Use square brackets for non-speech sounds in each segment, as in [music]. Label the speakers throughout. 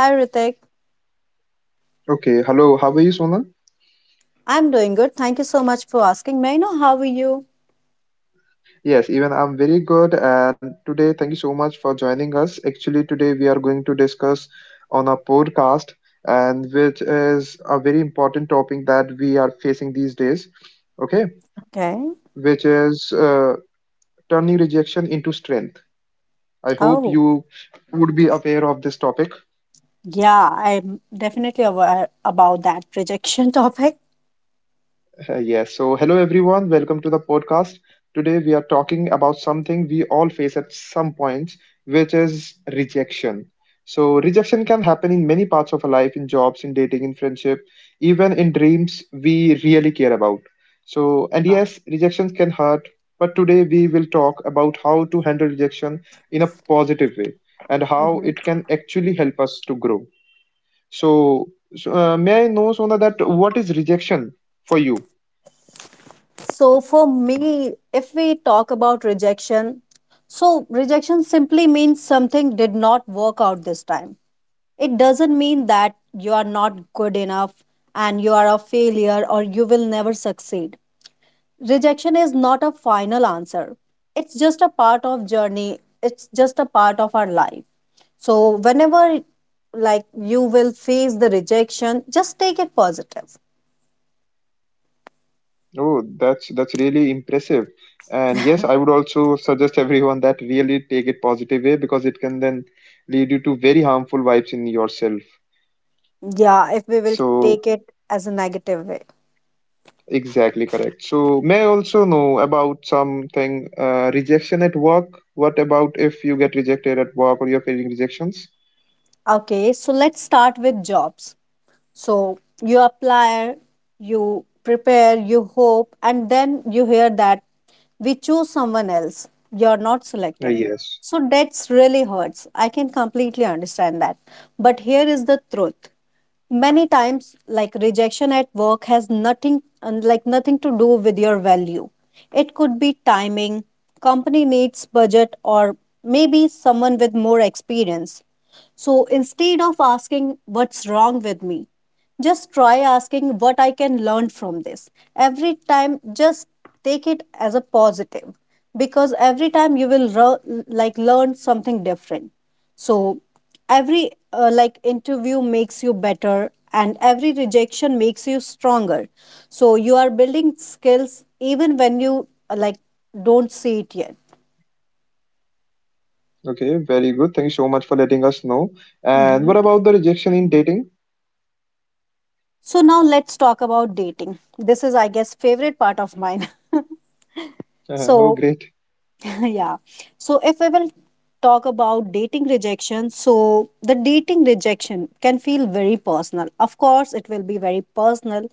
Speaker 1: Hi, Ritik.
Speaker 2: Okay, hello, how are you, Sonal?
Speaker 1: I'm doing good. Thank you so much for asking. May I know how are you?
Speaker 2: Yes, even I'm very good. And today, thank you so much for joining us. Actually, today we are going to discuss on a podcast, and which is a very important topic that we are facing these days. Okay,
Speaker 1: Okay.
Speaker 2: which is turning rejection into strength. I hope
Speaker 1: Oh,
Speaker 2: you would be aware of this topic.
Speaker 1: yeah, I'm definitely aware about that rejection [laughs] topic.
Speaker 2: Yes, so hello everyone, welcome to the podcast. Today we are talking about something we all face at some points, which is rejection. So, rejection can happen in many parts of our life, in jobs, in dating, in friendship, even in dreams we really care about. So, and
Speaker 1: Yeah.
Speaker 2: yes, rejections can hurt, but today we will talk about how to handle rejection in a positive way and how
Speaker 1: hmm
Speaker 2: it can actually help us to grow. So, so, may I know, Sona, that what is rejection for you?
Speaker 1: So, for me, if we talk about rejection, so rejection simply means something did not work out this time. It doesn't mean that you are not good enough and you are a failure or you will never succeed. Rejection is not a final answer. It's just a part of journey. It's just a part of our life. So whenever, like, you will face the rejection, just take it positive.
Speaker 2: Oh, that's really impressive. And yes, I would also suggest everyone that really take it positive way because it can then lead you to very harmful vibes in yourself.
Speaker 1: Yeah, if we will
Speaker 2: So
Speaker 1: take it as a negative way.
Speaker 2: exactly correct. So may I also know about something rejection at work? What about if you get rejected at work or you're facing rejections?
Speaker 1: Okay, so let's start with jobs. So you apply, you prepare, you hope, and then you hear that we choose someone else. You're not
Speaker 2: Uh,
Speaker 1: selected.
Speaker 2: yes.
Speaker 1: So that's really hurts. I can completely understand that. But here is the truth. Many times, like, rejection at work has nothing, and, like, nothing to do with your value. It could be timing, company needs budget, or maybe someone with more experience. So instead of asking what's wrong with me, just try asking what I can learn from this. Every time, just take it as a positive, because every time you will learn something different. So every like interview makes you better and every rejection makes you stronger. So you are building skills even when you like don't see it yet.
Speaker 2: Okay, very good. Thank you so much for letting us know. And what about the rejection in dating? [laughs]
Speaker 1: So now let's talk about dating. This is, I guess, favorite part of mine. [laughs]
Speaker 2: Oh,
Speaker 1: So
Speaker 2: great.
Speaker 1: [laughs] yeah. So if we will talk about dating rejection, so the dating rejection can feel very personal. Of course, it will be very personal,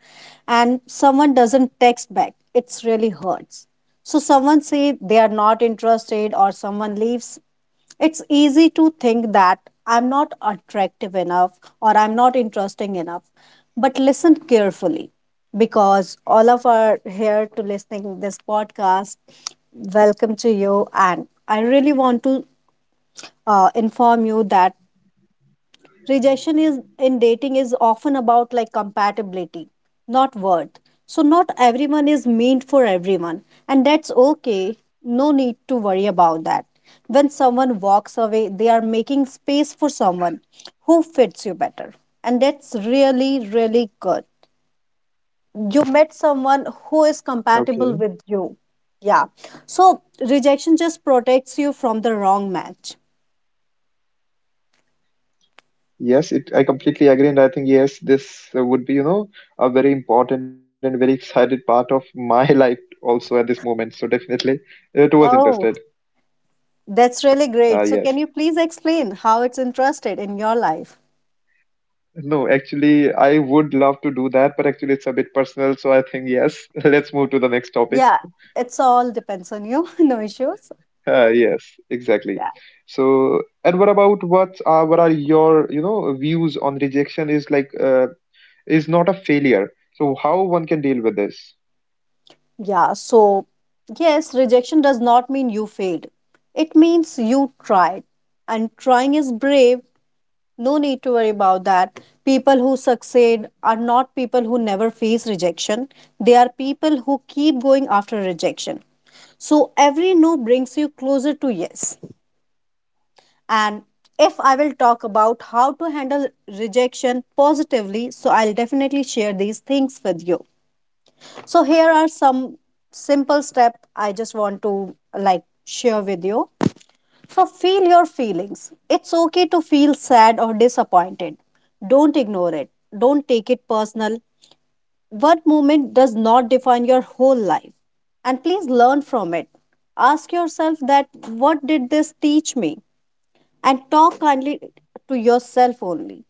Speaker 1: and someone doesn't text back. It's really hurts. So someone say they are not interested, or someone leaves, it's easy to think that I'm not attractive enough or I'm not interesting enough. But listen carefully, because all of are here to listening this podcast. Welcome to you, and I really want to inform you that rejection is in dating is often about, like, compatibility, not worth. So not everyone is meant for everyone, and that's okay. No need to worry about that. When someone walks away, they are making space for someone who fits you better, and that's really, really good. You met someone who is
Speaker 2: Okay.
Speaker 1: compatible with you. Yeah, so rejection just protects you from the wrong match.
Speaker 2: Yes, it, I completely agree, and I think yes, this would be, you know, a very important and very excited part of my [laughs] life also at this moment. So definitely, it was interested.
Speaker 1: Oh, that's really
Speaker 2: Uh,
Speaker 1: great. So,
Speaker 2: yes.
Speaker 1: can you please explain how it's interested in your life?
Speaker 2: No, actually, I would love to do that, but actually, it's a bit personal. So I think yes, [laughs] let's move to the next topic.
Speaker 1: Yeah, it's all depends on you. [laughs] No issues.
Speaker 2: Yes, exactly.
Speaker 1: Yeah.
Speaker 2: So, and what are your, you know, views on rejection is like is not a failure. So how one can deal with this?
Speaker 1: Yeah. So, yes, rejection does not mean you failed. It means you tried. And trying is brave. No need to worry about that. People who succeed are not people who never face rejection. They are people who keep going after rejection. So, every no brings you closer to yes. And if I will talk about how to handle rejection positively, so I'll definitely share these things with you. So here are some simple step I just want to, like, share with you. So feel your feelings. It's okay to feel sad or disappointed. Don't ignore it. Don't take it personal. One moment does not define your whole life. And please learn from it. Ask yourself that what did this teach me? And talk kindly to yourself only.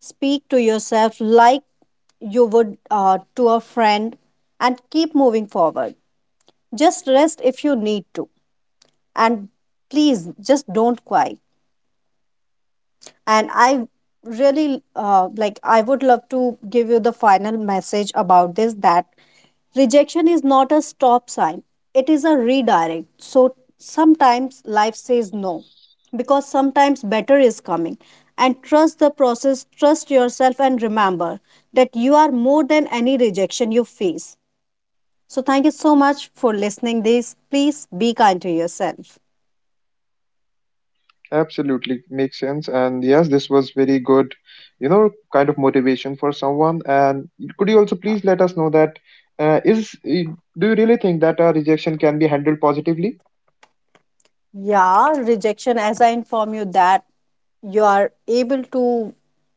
Speaker 1: Speak to yourself like you would to a friend, and keep moving forward. Just rest if you need to. And please, just don't cry. And I really like, I would love to give you the final message about this, that rejection is not a stop sign, it is a redirect. So sometimes life says no because sometimes better is coming. And trust the process, trust yourself, and remember that you are more than any rejection you face. So, thank you so much for listening this. Please be kind to yourself.
Speaker 2: Absolutely makes sense. And yes, this was very good, you know, kind of motivation for someone. And could you also
Speaker 1: Yeah.
Speaker 2: please let us know that do you really think that rejection can be handled positively?
Speaker 1: Yeah, rejection, as I inform you that you are able to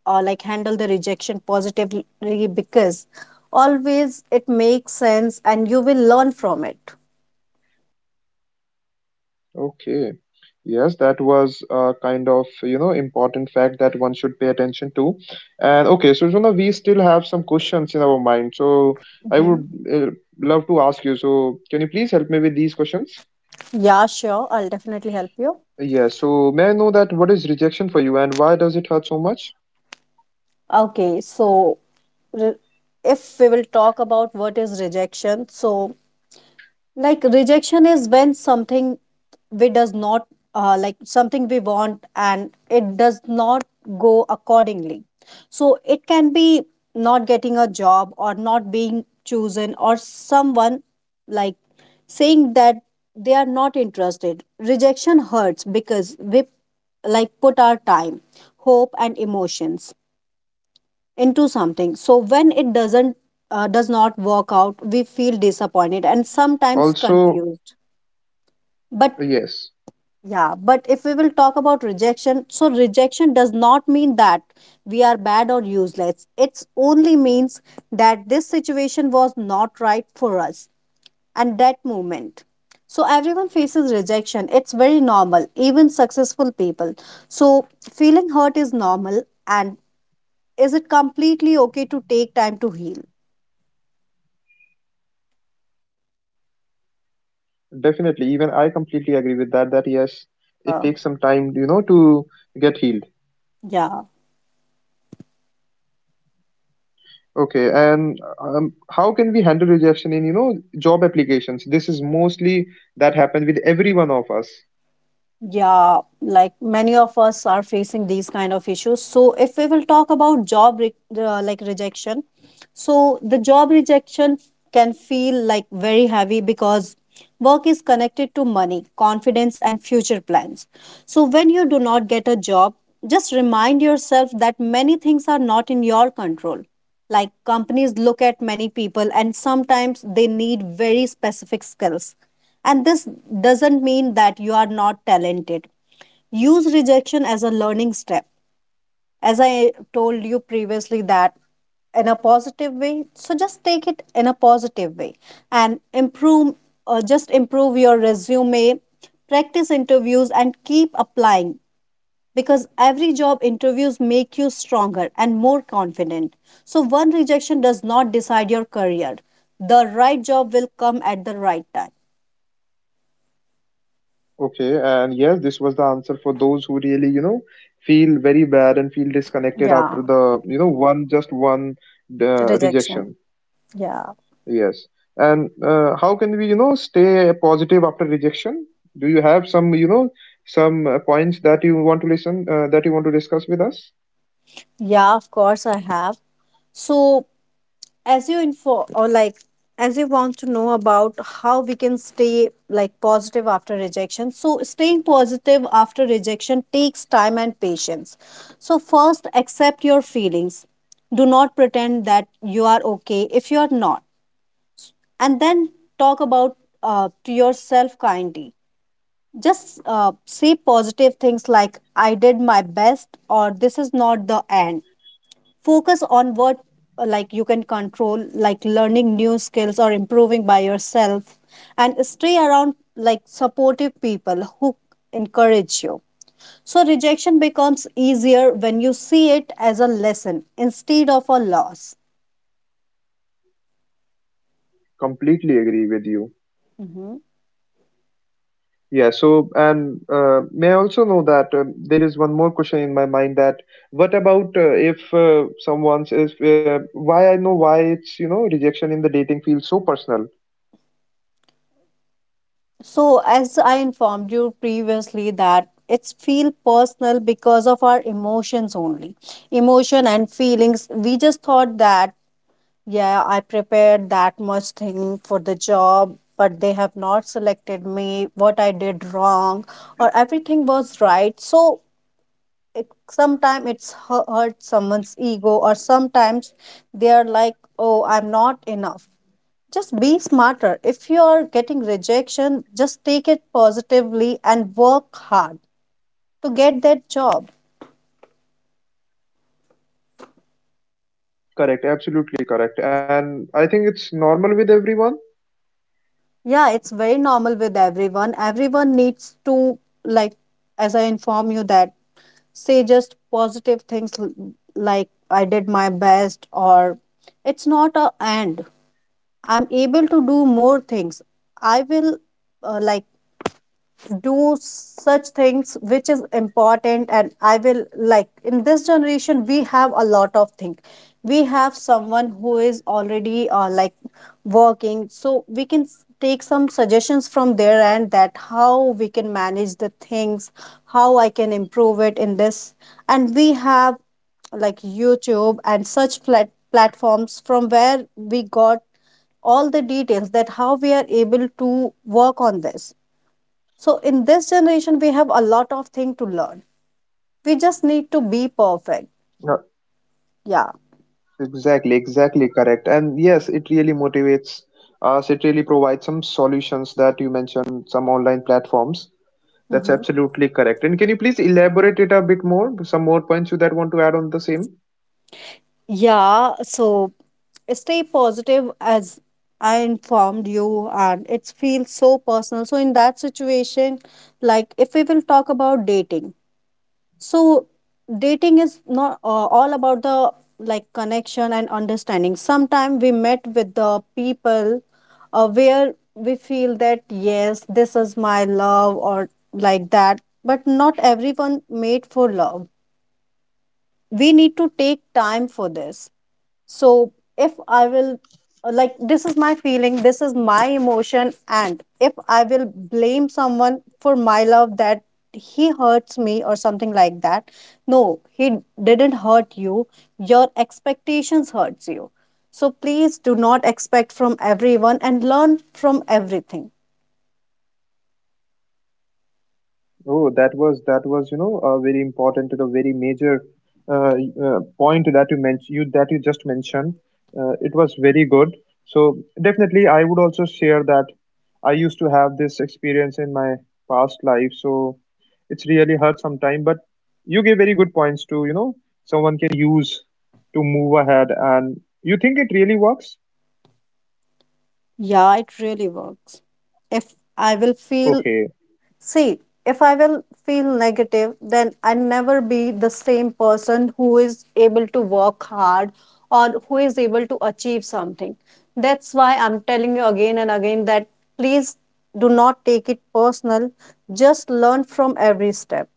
Speaker 1: like handle the rejection positively, because always it makes sense and you will learn from it.
Speaker 2: Okay. Yes, that was a kind of, you know, important fact that one should pay attention to. And okay, so Juna, we still have some questions in our mind. So I
Speaker 1: Hmm.
Speaker 2: would uh, love to ask you. So can you please help me with these questions?
Speaker 1: Yeah, sure. I'll definitely help you.
Speaker 2: Yes, so may I know that what is rejection for you and why does it hurt so much?
Speaker 1: Okay, so re- if we will talk about what is rejection, so like rejection is when something we does not like
Speaker 2: Yes,
Speaker 1: something
Speaker 2: so
Speaker 1: we want
Speaker 2: we would
Speaker 1: and
Speaker 2: like
Speaker 1: it
Speaker 2: really
Speaker 1: does
Speaker 2: want to know
Speaker 1: not
Speaker 2: that
Speaker 1: go
Speaker 2: because
Speaker 1: accordingly.
Speaker 2: many of us
Speaker 1: So
Speaker 2: feel
Speaker 1: it
Speaker 2: and
Speaker 1: can
Speaker 2: go with the
Speaker 1: be
Speaker 2: same flow.
Speaker 1: not getting a
Speaker 2: So
Speaker 1: job or
Speaker 2: yes,
Speaker 1: not
Speaker 2: everyone
Speaker 1: being
Speaker 2: have that you
Speaker 1: chosen
Speaker 2: know
Speaker 1: or
Speaker 2: that
Speaker 1: someone,
Speaker 2: part in their
Speaker 1: like,
Speaker 2: life and they feel
Speaker 1: saying
Speaker 2: rejections
Speaker 1: that
Speaker 2: in any
Speaker 1: they
Speaker 2: of
Speaker 1: are
Speaker 2: kind of
Speaker 1: not interested.
Speaker 2: circumstances or
Speaker 1: Rejection
Speaker 2: any
Speaker 1: hurts
Speaker 2: kind of
Speaker 1: because
Speaker 2: situation.
Speaker 1: we,
Speaker 2: So
Speaker 1: like, put our
Speaker 2: I know it
Speaker 1: time,
Speaker 2: hurts
Speaker 1: hope
Speaker 2: sometimes.
Speaker 1: and
Speaker 2: It
Speaker 1: emotions
Speaker 2: also you know reshape you for
Speaker 1: into
Speaker 2: the
Speaker 1: something.
Speaker 2: future,
Speaker 1: So when
Speaker 2: but
Speaker 1: it
Speaker 2: still we want to know that
Speaker 1: does
Speaker 2: why
Speaker 1: not
Speaker 2: this is
Speaker 1: work out,
Speaker 2: happening
Speaker 1: we
Speaker 2: and
Speaker 1: feel
Speaker 2: how this
Speaker 1: disappointed
Speaker 2: happens.
Speaker 1: and sometimes
Speaker 2: Also,
Speaker 1: confused. But
Speaker 2: yes.
Speaker 1: yeah, but if we will talk about rejection, so rejection does not mean that we are bad or useless. It's only means that this situation was not right for us and that moment. So everyone faces rejection. It's very normal, even successful people. So feeling hurt is normal, and is it completely okay to take time to heal?
Speaker 2: Definitely, even I completely agree with that. That yes, it takes
Speaker 1: Yeah.
Speaker 2: some time, you know, to get healed.
Speaker 1: Yeah.
Speaker 2: Okay, and how can we handle rejection in, you know, job applications? This is mostly that happened with every one of us.
Speaker 1: Yeah, like many of us are facing these kind of issues. So if we will talk about job re like rejection, so the job rejection can feel like very heavy because work is connected to money, confidence, and future plans. So when you do not get a job, just remind yourself that many things are not in your control, like companies look at many people and sometimes they need very specific skills, and this doesn't mean that you are not talented. Use rejection as a learning step, as I told you previously, that in a positive way. So just take it in a positive way and improve just improve your resume, practice interviews, and keep applying, because every job interviews make you stronger and more confident. So one rejection does not decide your career. The right job will come at the right time.
Speaker 2: Okay, and yes, this was the answer for those who really, you know, feel very bad and feel disconnected
Speaker 1: Yeah,
Speaker 2: after the, you know, one just one
Speaker 1: rejection.
Speaker 2: rejection.
Speaker 1: Yeah.
Speaker 2: Yes. And how can we, you know, stay positive after rejection? Do you have some, you know, some points that you want to listen, that you want to discuss with us?
Speaker 1: Yeah, of course I have. So as you info or like as you want to know about how we can stay, like, positive after rejection, so staying positive after rejection takes time and patience. So first accept your feelings. Do not pretend that you are okay if you are not. And then talk about to yourself kindly. Just say positive things like I did my best or this is not the end. Focus on what like you can control, like learning new skills or improving by yourself, and stay around, like, supportive people who encourage you. So rejection becomes easier when you see it as a lesson instead of a loss. Hmm. So, as I informed you previously, that it's feel personal because of our emotions only. Emotion and feelings. We just thought that yeah, I prepared that much thing for the job, but they have not selected me, what I did wrong, or everything was right. So it, sometimes it's hurt someone's ego, or sometimes they are like, oh, I'm not enough. Just be smarter. If you are getting rejection, just take it positively and work hard to get that job. Yeah, it's very normal with everyone. Everyone needs to, like, as I inform you, that say just positive things like I did my best or it's not a end. I'm able to do more things. I will like do such things which is important. And I will, like, in this generation we have a lot of things. We have someone who is already like working, so we can take some suggestions from their end, that how we can manage the things, how I can improve it in this. And we have like YouTube and such platforms from where we got all the details that how we are able to work on this. So in this generation, we have a lot of thing to learn. We just need to be perfect. Yeah. Mm-hmm. Yeah. So stay positive as I informed you, and it feels so personal. So in that situation, like if we will talk about dating, so dating is not all about the like connection and understanding. Sometimes we met with the people where we feel that yes, this is my love or like that, but not everyone made for love. We need to take time for this. So if I will, like, this is my feeling, this is my emotion, and if I will blame someone for my love that he hurts me or something like that, no, he didn't hurt you. Your expectations hurts you. So please do not expect from everyone and learn from everything. Yeah, it really works. If I will feel, see, if I will feel negative, then I never be the same person who is able to work hard or who is able to achieve something. That's why I'm telling you again and again that please do not take it personal. Just learn from every step.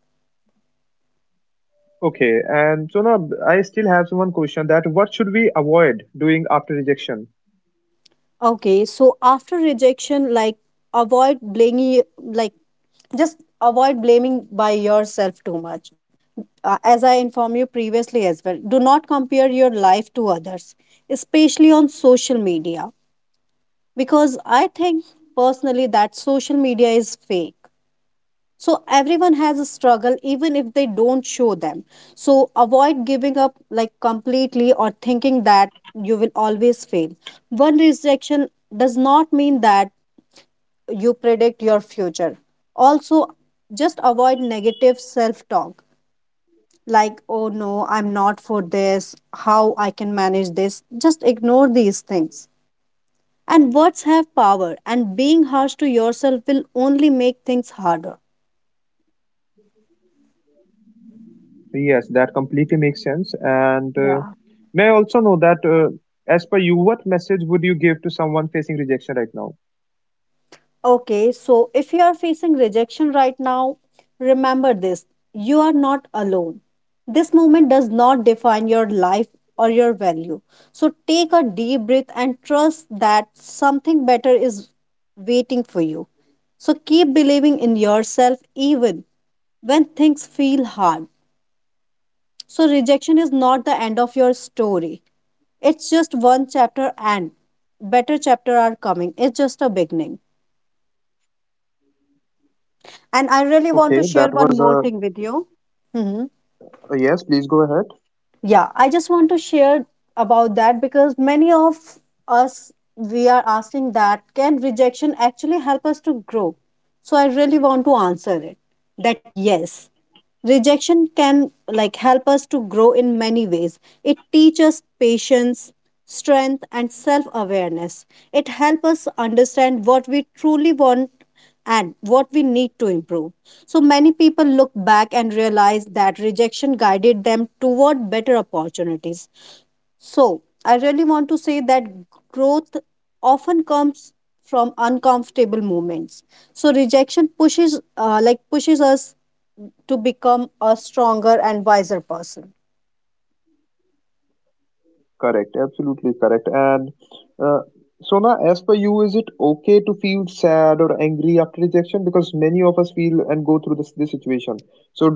Speaker 1: Okay, so after rejection, like, avoid blaming, like, just avoid blaming by yourself too much. As I informed you previously as well, do not compare your life to others, especially on social media, because I think personally that social media is fake. So everyone has a struggle, even if they don't show them. So avoid giving up like completely or thinking that you will always fail. One rejection does not mean that you predict your future. Also, just avoid negative self talk like, oh no, I'm not for this, how I can manage this. Just ignore these things, and words have power, and being harsh to yourself will only make things harder. Yeah. Okay, so if you are facing rejection right now, remember this: you are not alone. This moment does not define your life or your value, so take a deep breath and trust that something better is waiting for you. So keep believing in yourself even when things feel hard. So, rejection is not the end of your story. It's just one chapter, and better chapter are coming. It's just a beginning. And I really want to share one more thing with you. hmm Yeah, I just want to share about that because many of us, we are asking that can rejection actually help us to grow? So I really want to answer it that yes, rejection can like help us to grow in many ways. It teaches patience, strength, and self awareness. It helps us understand what we truly want and what we need to improve. So many people look back and realize that rejection guided them toward better opportunities. So I really want to say that growth often comes from uncomfortable moments. So rejection pushes us to become a stronger and wiser person.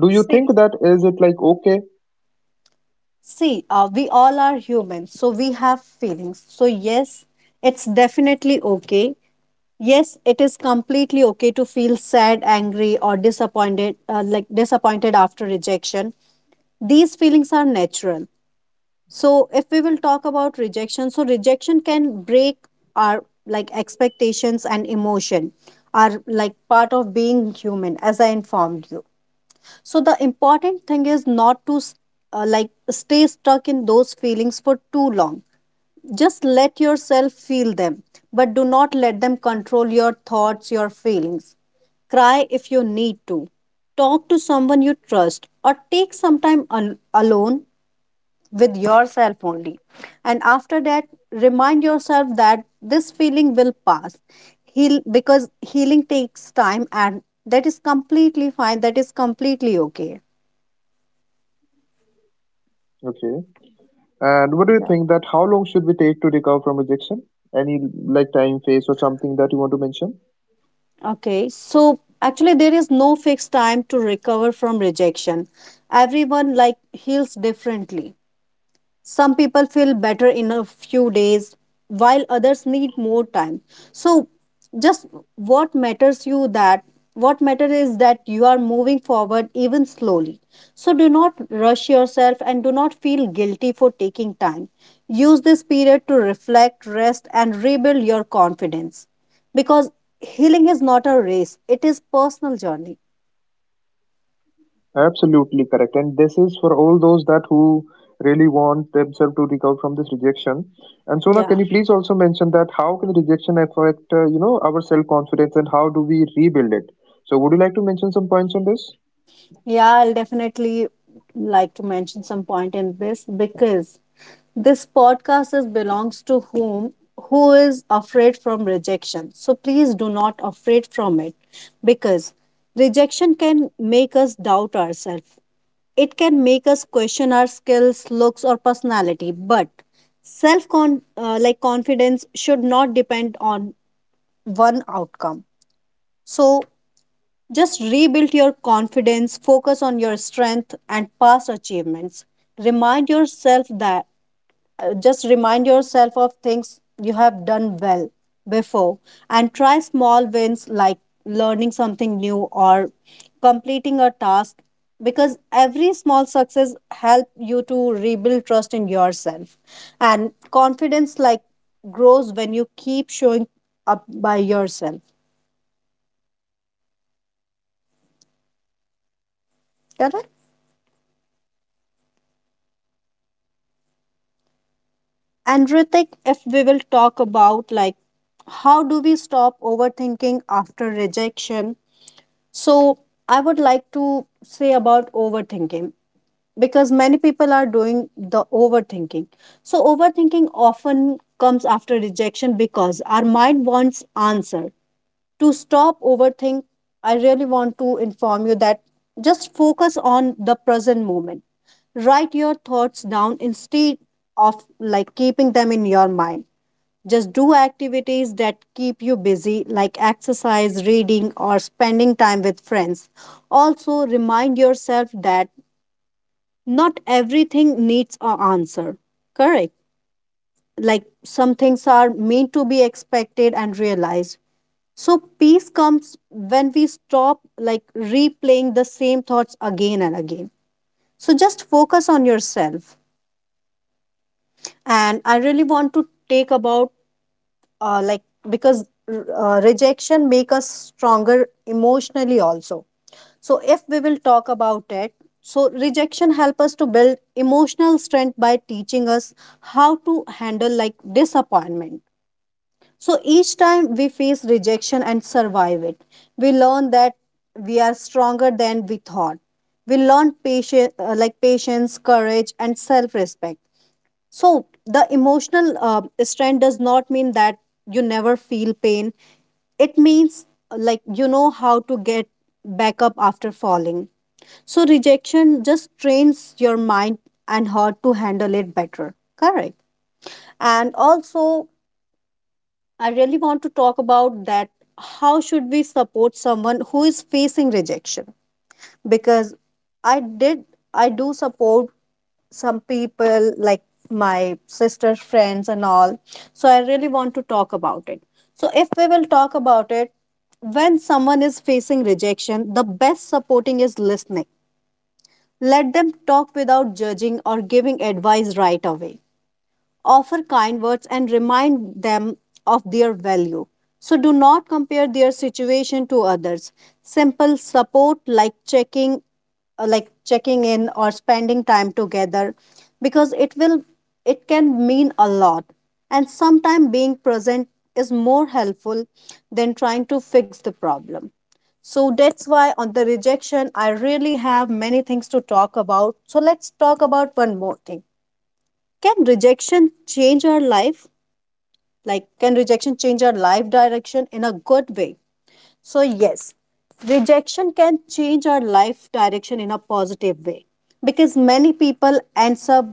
Speaker 1: See, see, we all are human, so we have feelings. So yes, it's definitely okay. Yes, it is completely okay to feel sad, angry, or disappointed after rejection. These feelings are natural. So if we will talk about rejection, so rejection can break our like expectations, and emotion are like part of being human, as I informed you. So the important thing is not to uh, like stay stuck in those feelings for too long. Just let yourself feel them, but do not let them control your thoughts, your feelings. Cry if you need to. Talk to someone you trust, or take some time alone with yourself only. And after that, remind yourself that this feeling will pass. Heal, because healing takes time, and that is completely fine. That is completely okay. Okay, so actually, there is no fixed time to recover from rejection. Everyone like heals differently. Some people feel better in a few days, while others need more time. So, just what matters you that what matters is that you are moving forward, even slowly. So, do not rush yourself, and do not feel guilty for taking time. Use this period to reflect, rest, and rebuild your confidence, because healing is not a race, it is personal journey. Yeah. Yeah, I'll definitely like to mention some point in this, because this podcast is belongs to whom who is afraid from rejection. So please do not afraid from it, because rejection can make us doubt ourselves. It can make us question our skills, looks or personality, but self con- like confidence should not depend on one outcome. So just rebuild your confidence, focus on your strength and past achievements. Remind yourself that, remind yourself of things you have done well before, and try small wins like learning something new or completing a task, because every small success help you to rebuild trust in yourself, and confidence like grows when you keep showing up by yourself. Correct. And Ritik, if we will talk about like how do we stop overthinking after rejection? So I would like to say about overthinking, because many people are doing the overthinking. So overthinking often comes after rejection, because our mind wants answer. To stop overthink, I really want to inform you that just focus on the present moment. Write your thoughts down instead of like keeping them in your mind. Just do activities that keep you busy, like exercise, reading, or spending time with friends. Also, remind yourself that not everything needs an answer. Correct. Like some things are meant to be expected and realized. So, peace comes when we stop like replaying the same thoughts again and again. So, just focus on yourself. And I really want to take about, uh, like because rejection make us stronger emotionally also. So if we will talk about it, so rejection help us to build emotional strength by teaching us how to handle like disappointment. So each time we face rejection and survive it, we learn that we are stronger than we thought. We learn patience, courage, and self respect. So the emotional strength does not mean that you never feel pain. It means, you know how to get back up after falling. So rejection just trains your mind and heart to handle it better. Correct. And also, I really want to talk about that. How should we support someone who is facing rejection? Because I did, I do support some people like my sister's friends and all. So I really want to talk about it. So if we will talk about it, when someone is facing rejection, the best supporting is listening. Let them talk without judging or giving advice right away. Offer kind words and remind them of their value. So do not compare their situation to others. Simple support like checking in or spending time together, because it can mean a lot. And sometimes being present is more helpful than trying to fix the problem. So that's why on the rejection I really have many things to talk about. So let's talk about one more thing. Can rejection change our life? Like, can rejection change our life direction in a good way? So, yes, rejection can change our life direction in a positive way, because many people ends up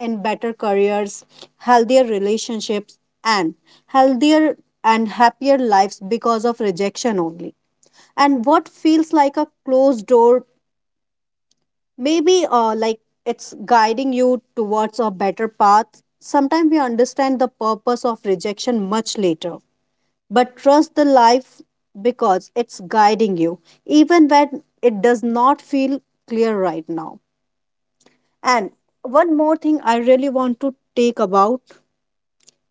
Speaker 1: in better careers, healthier relationships, and healthier and happier lives because of rejection only. And what feels like a closed door, maybe it's guiding you towards a better path. Sometimes we understand the purpose of rejection much later, but trust the life, because it's guiding you, even when it does not feel clear right now. And one more thing I really want to take about,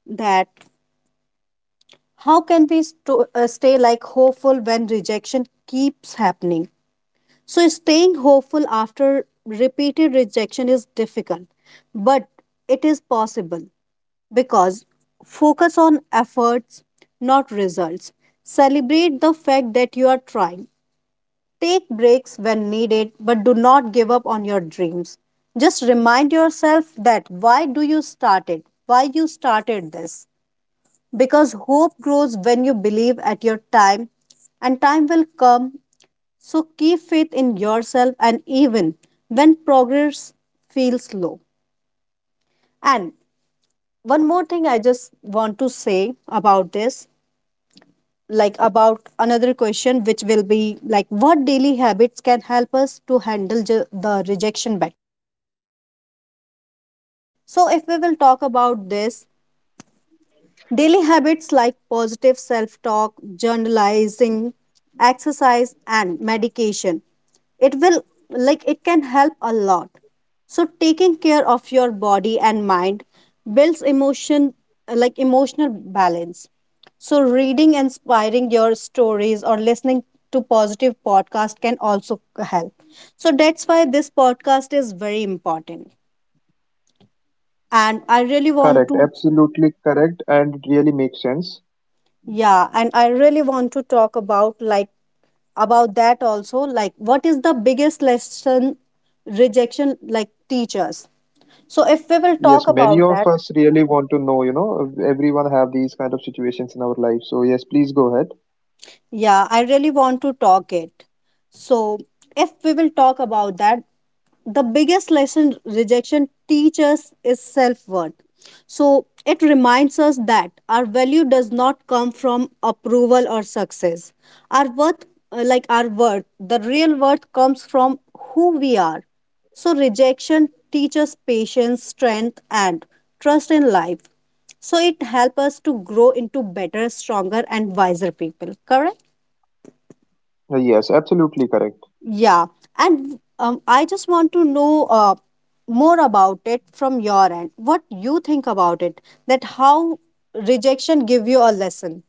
Speaker 1: that how can we stay like hopeful when rejection keeps happening? So, staying hopeful after repeated rejection is difficult, but it is possible, because focus on efforts, not results. Celebrate the fact that you are trying. Take breaks when needed, but do not give up on your dreams. Just remind yourself that why do you started? Why you started this? Because hope grows when you believe at your time, and time will come. So keep faith in yourself, and even when progress feels slow. And one more thing I just want to say about this, like about another question which will be like what daily habits can help us to handle the rejection better. So if we will talk about this, daily habits like positive self talk, journalizing, exercise, and medication. It will, it can help a lot. So, taking care of your body and mind builds emotional balance. So, reading, inspiring your stories, or listening to positive podcast can also help. So, that's why this podcast is very important. And I really want to, yeah, and I really want to talk about, like about that also, like what is the biggest lesson rejection like teach us. So if we will talk about that, yeah, I really want to talk it. So if we will talk about that, the biggest lesson rejection teaches is self worth. So it reminds us that our value does not come from approval or success. Our worth, the real worth comes from who we are. So rejection teaches patience, strength, and trust in life. So it helps us to grow into better, stronger, and wiser people. Correct? Yeah, and I just want to know more about it from your end. What you think about it? That how rejection give you a lesson.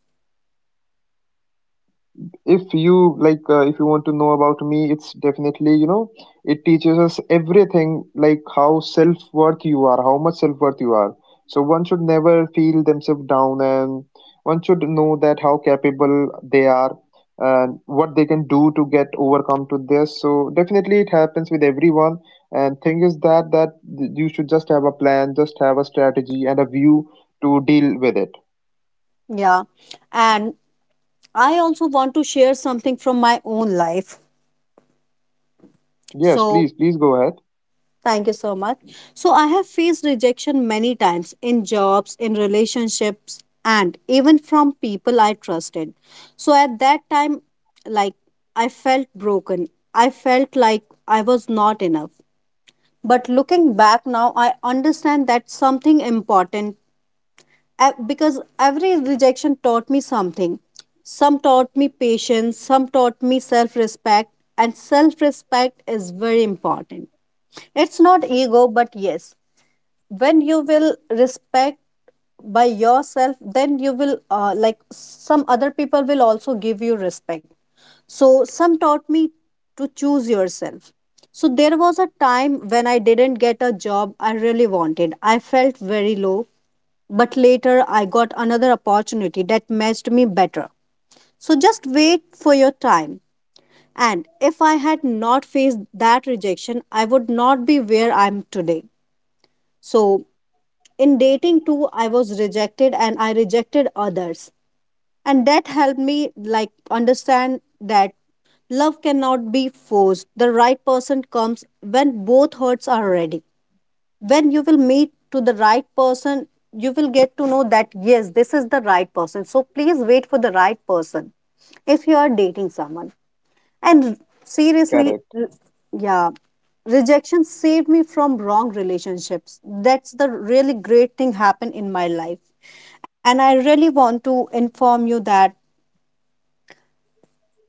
Speaker 1: Yeah, and I also want to share something from my own life. So, thank you so much. So I have faced rejection many times in jobs, in relationships, and even from people I trusted. So at that time, like I felt broken. I felt like I was not enough. But looking back now, I understand that something important because every rejection taught me something. Some taught me patience, some taught me self respect, and self respect is very important. It's not ego, but yes, when you will respect by yourself, then you will like some other people will also give you respect. So some taught me to choose yourself. So there was a time when I didn't get a job I really wanted. I felt very low, but later I got another opportunity that matched me better. So just wait for your time, and if I had not faced that rejection, I would not be where I am today. So in dating too, I was rejected and I rejected others, and that helped me like understand that love cannot be forced. The right person comes when both hearts are ready. When you will meet to the right person, you will get to know that yes, this is the right person. So please wait for the right person if you are dating someone. And seriously, yeah, rejection saved me from wrong relationships. That's the really great thing happened in my life. And I really want to inform you that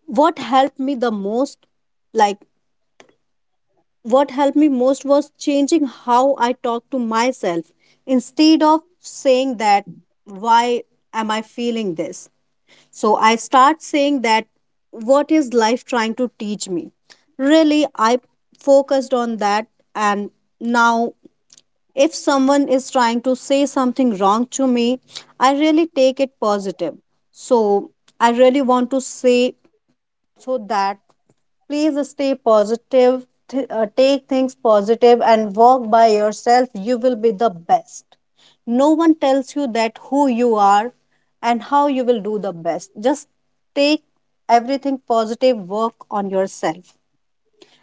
Speaker 1: what helped me the most, like what helped me most, was changing how I talk to myself. Instead of saying that why am I feeling this? So I start saying that what is life trying to teach me? Really, I focused on that. And now, if someone is trying to say something wrong to me, I really take it positive. So I really want to say so that please stay positive, take things positive, and walk by yourself. You will be the best. No one tells you that who you are and how you will do the best. Just take everything positive, work on yourself.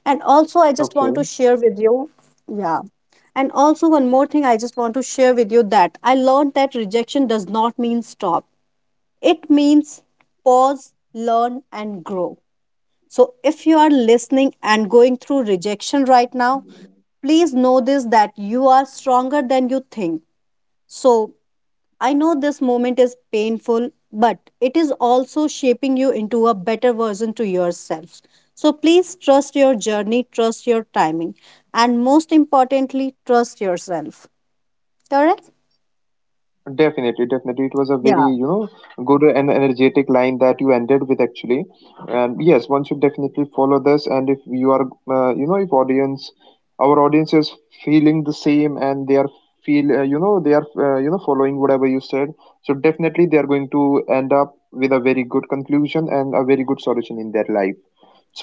Speaker 1: And also, I just want to share with you, yeah. And also, one more thing I just want to share with you that I learned that rejection does not mean stop, it means pause, learn, and grow. So, if you are listening and going through rejection right now, please know this that you are stronger than you think. So, I know this moment is painful, but it is also shaping you into a better version to yourself. So, please trust your journey, trust your timing, and most importantly, trust yourself. Correct? Yeah.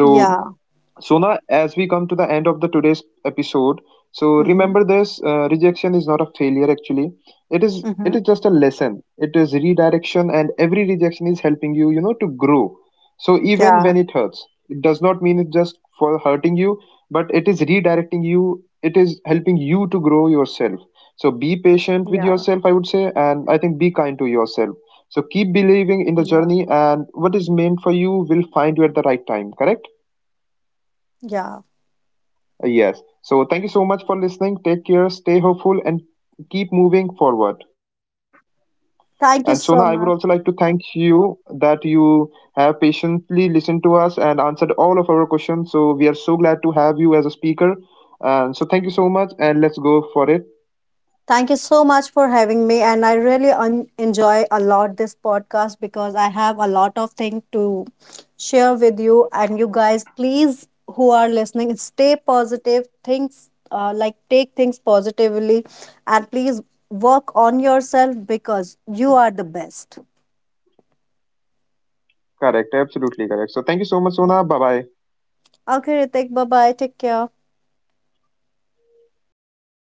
Speaker 1: Yeah. Mm-hmm. Mm-hmm. Yeah. Yeah. Yeah. Yeah. Thank you so much. Thank you so much for having me. And I really enjoy a lot this podcast because I have a lot of things to share with you. And you guys, please, who are listening, stay positive. Things like Take things positively, and please work on yourself because you are the best. Yeah. Okay, Ritik, bye bye. Take care.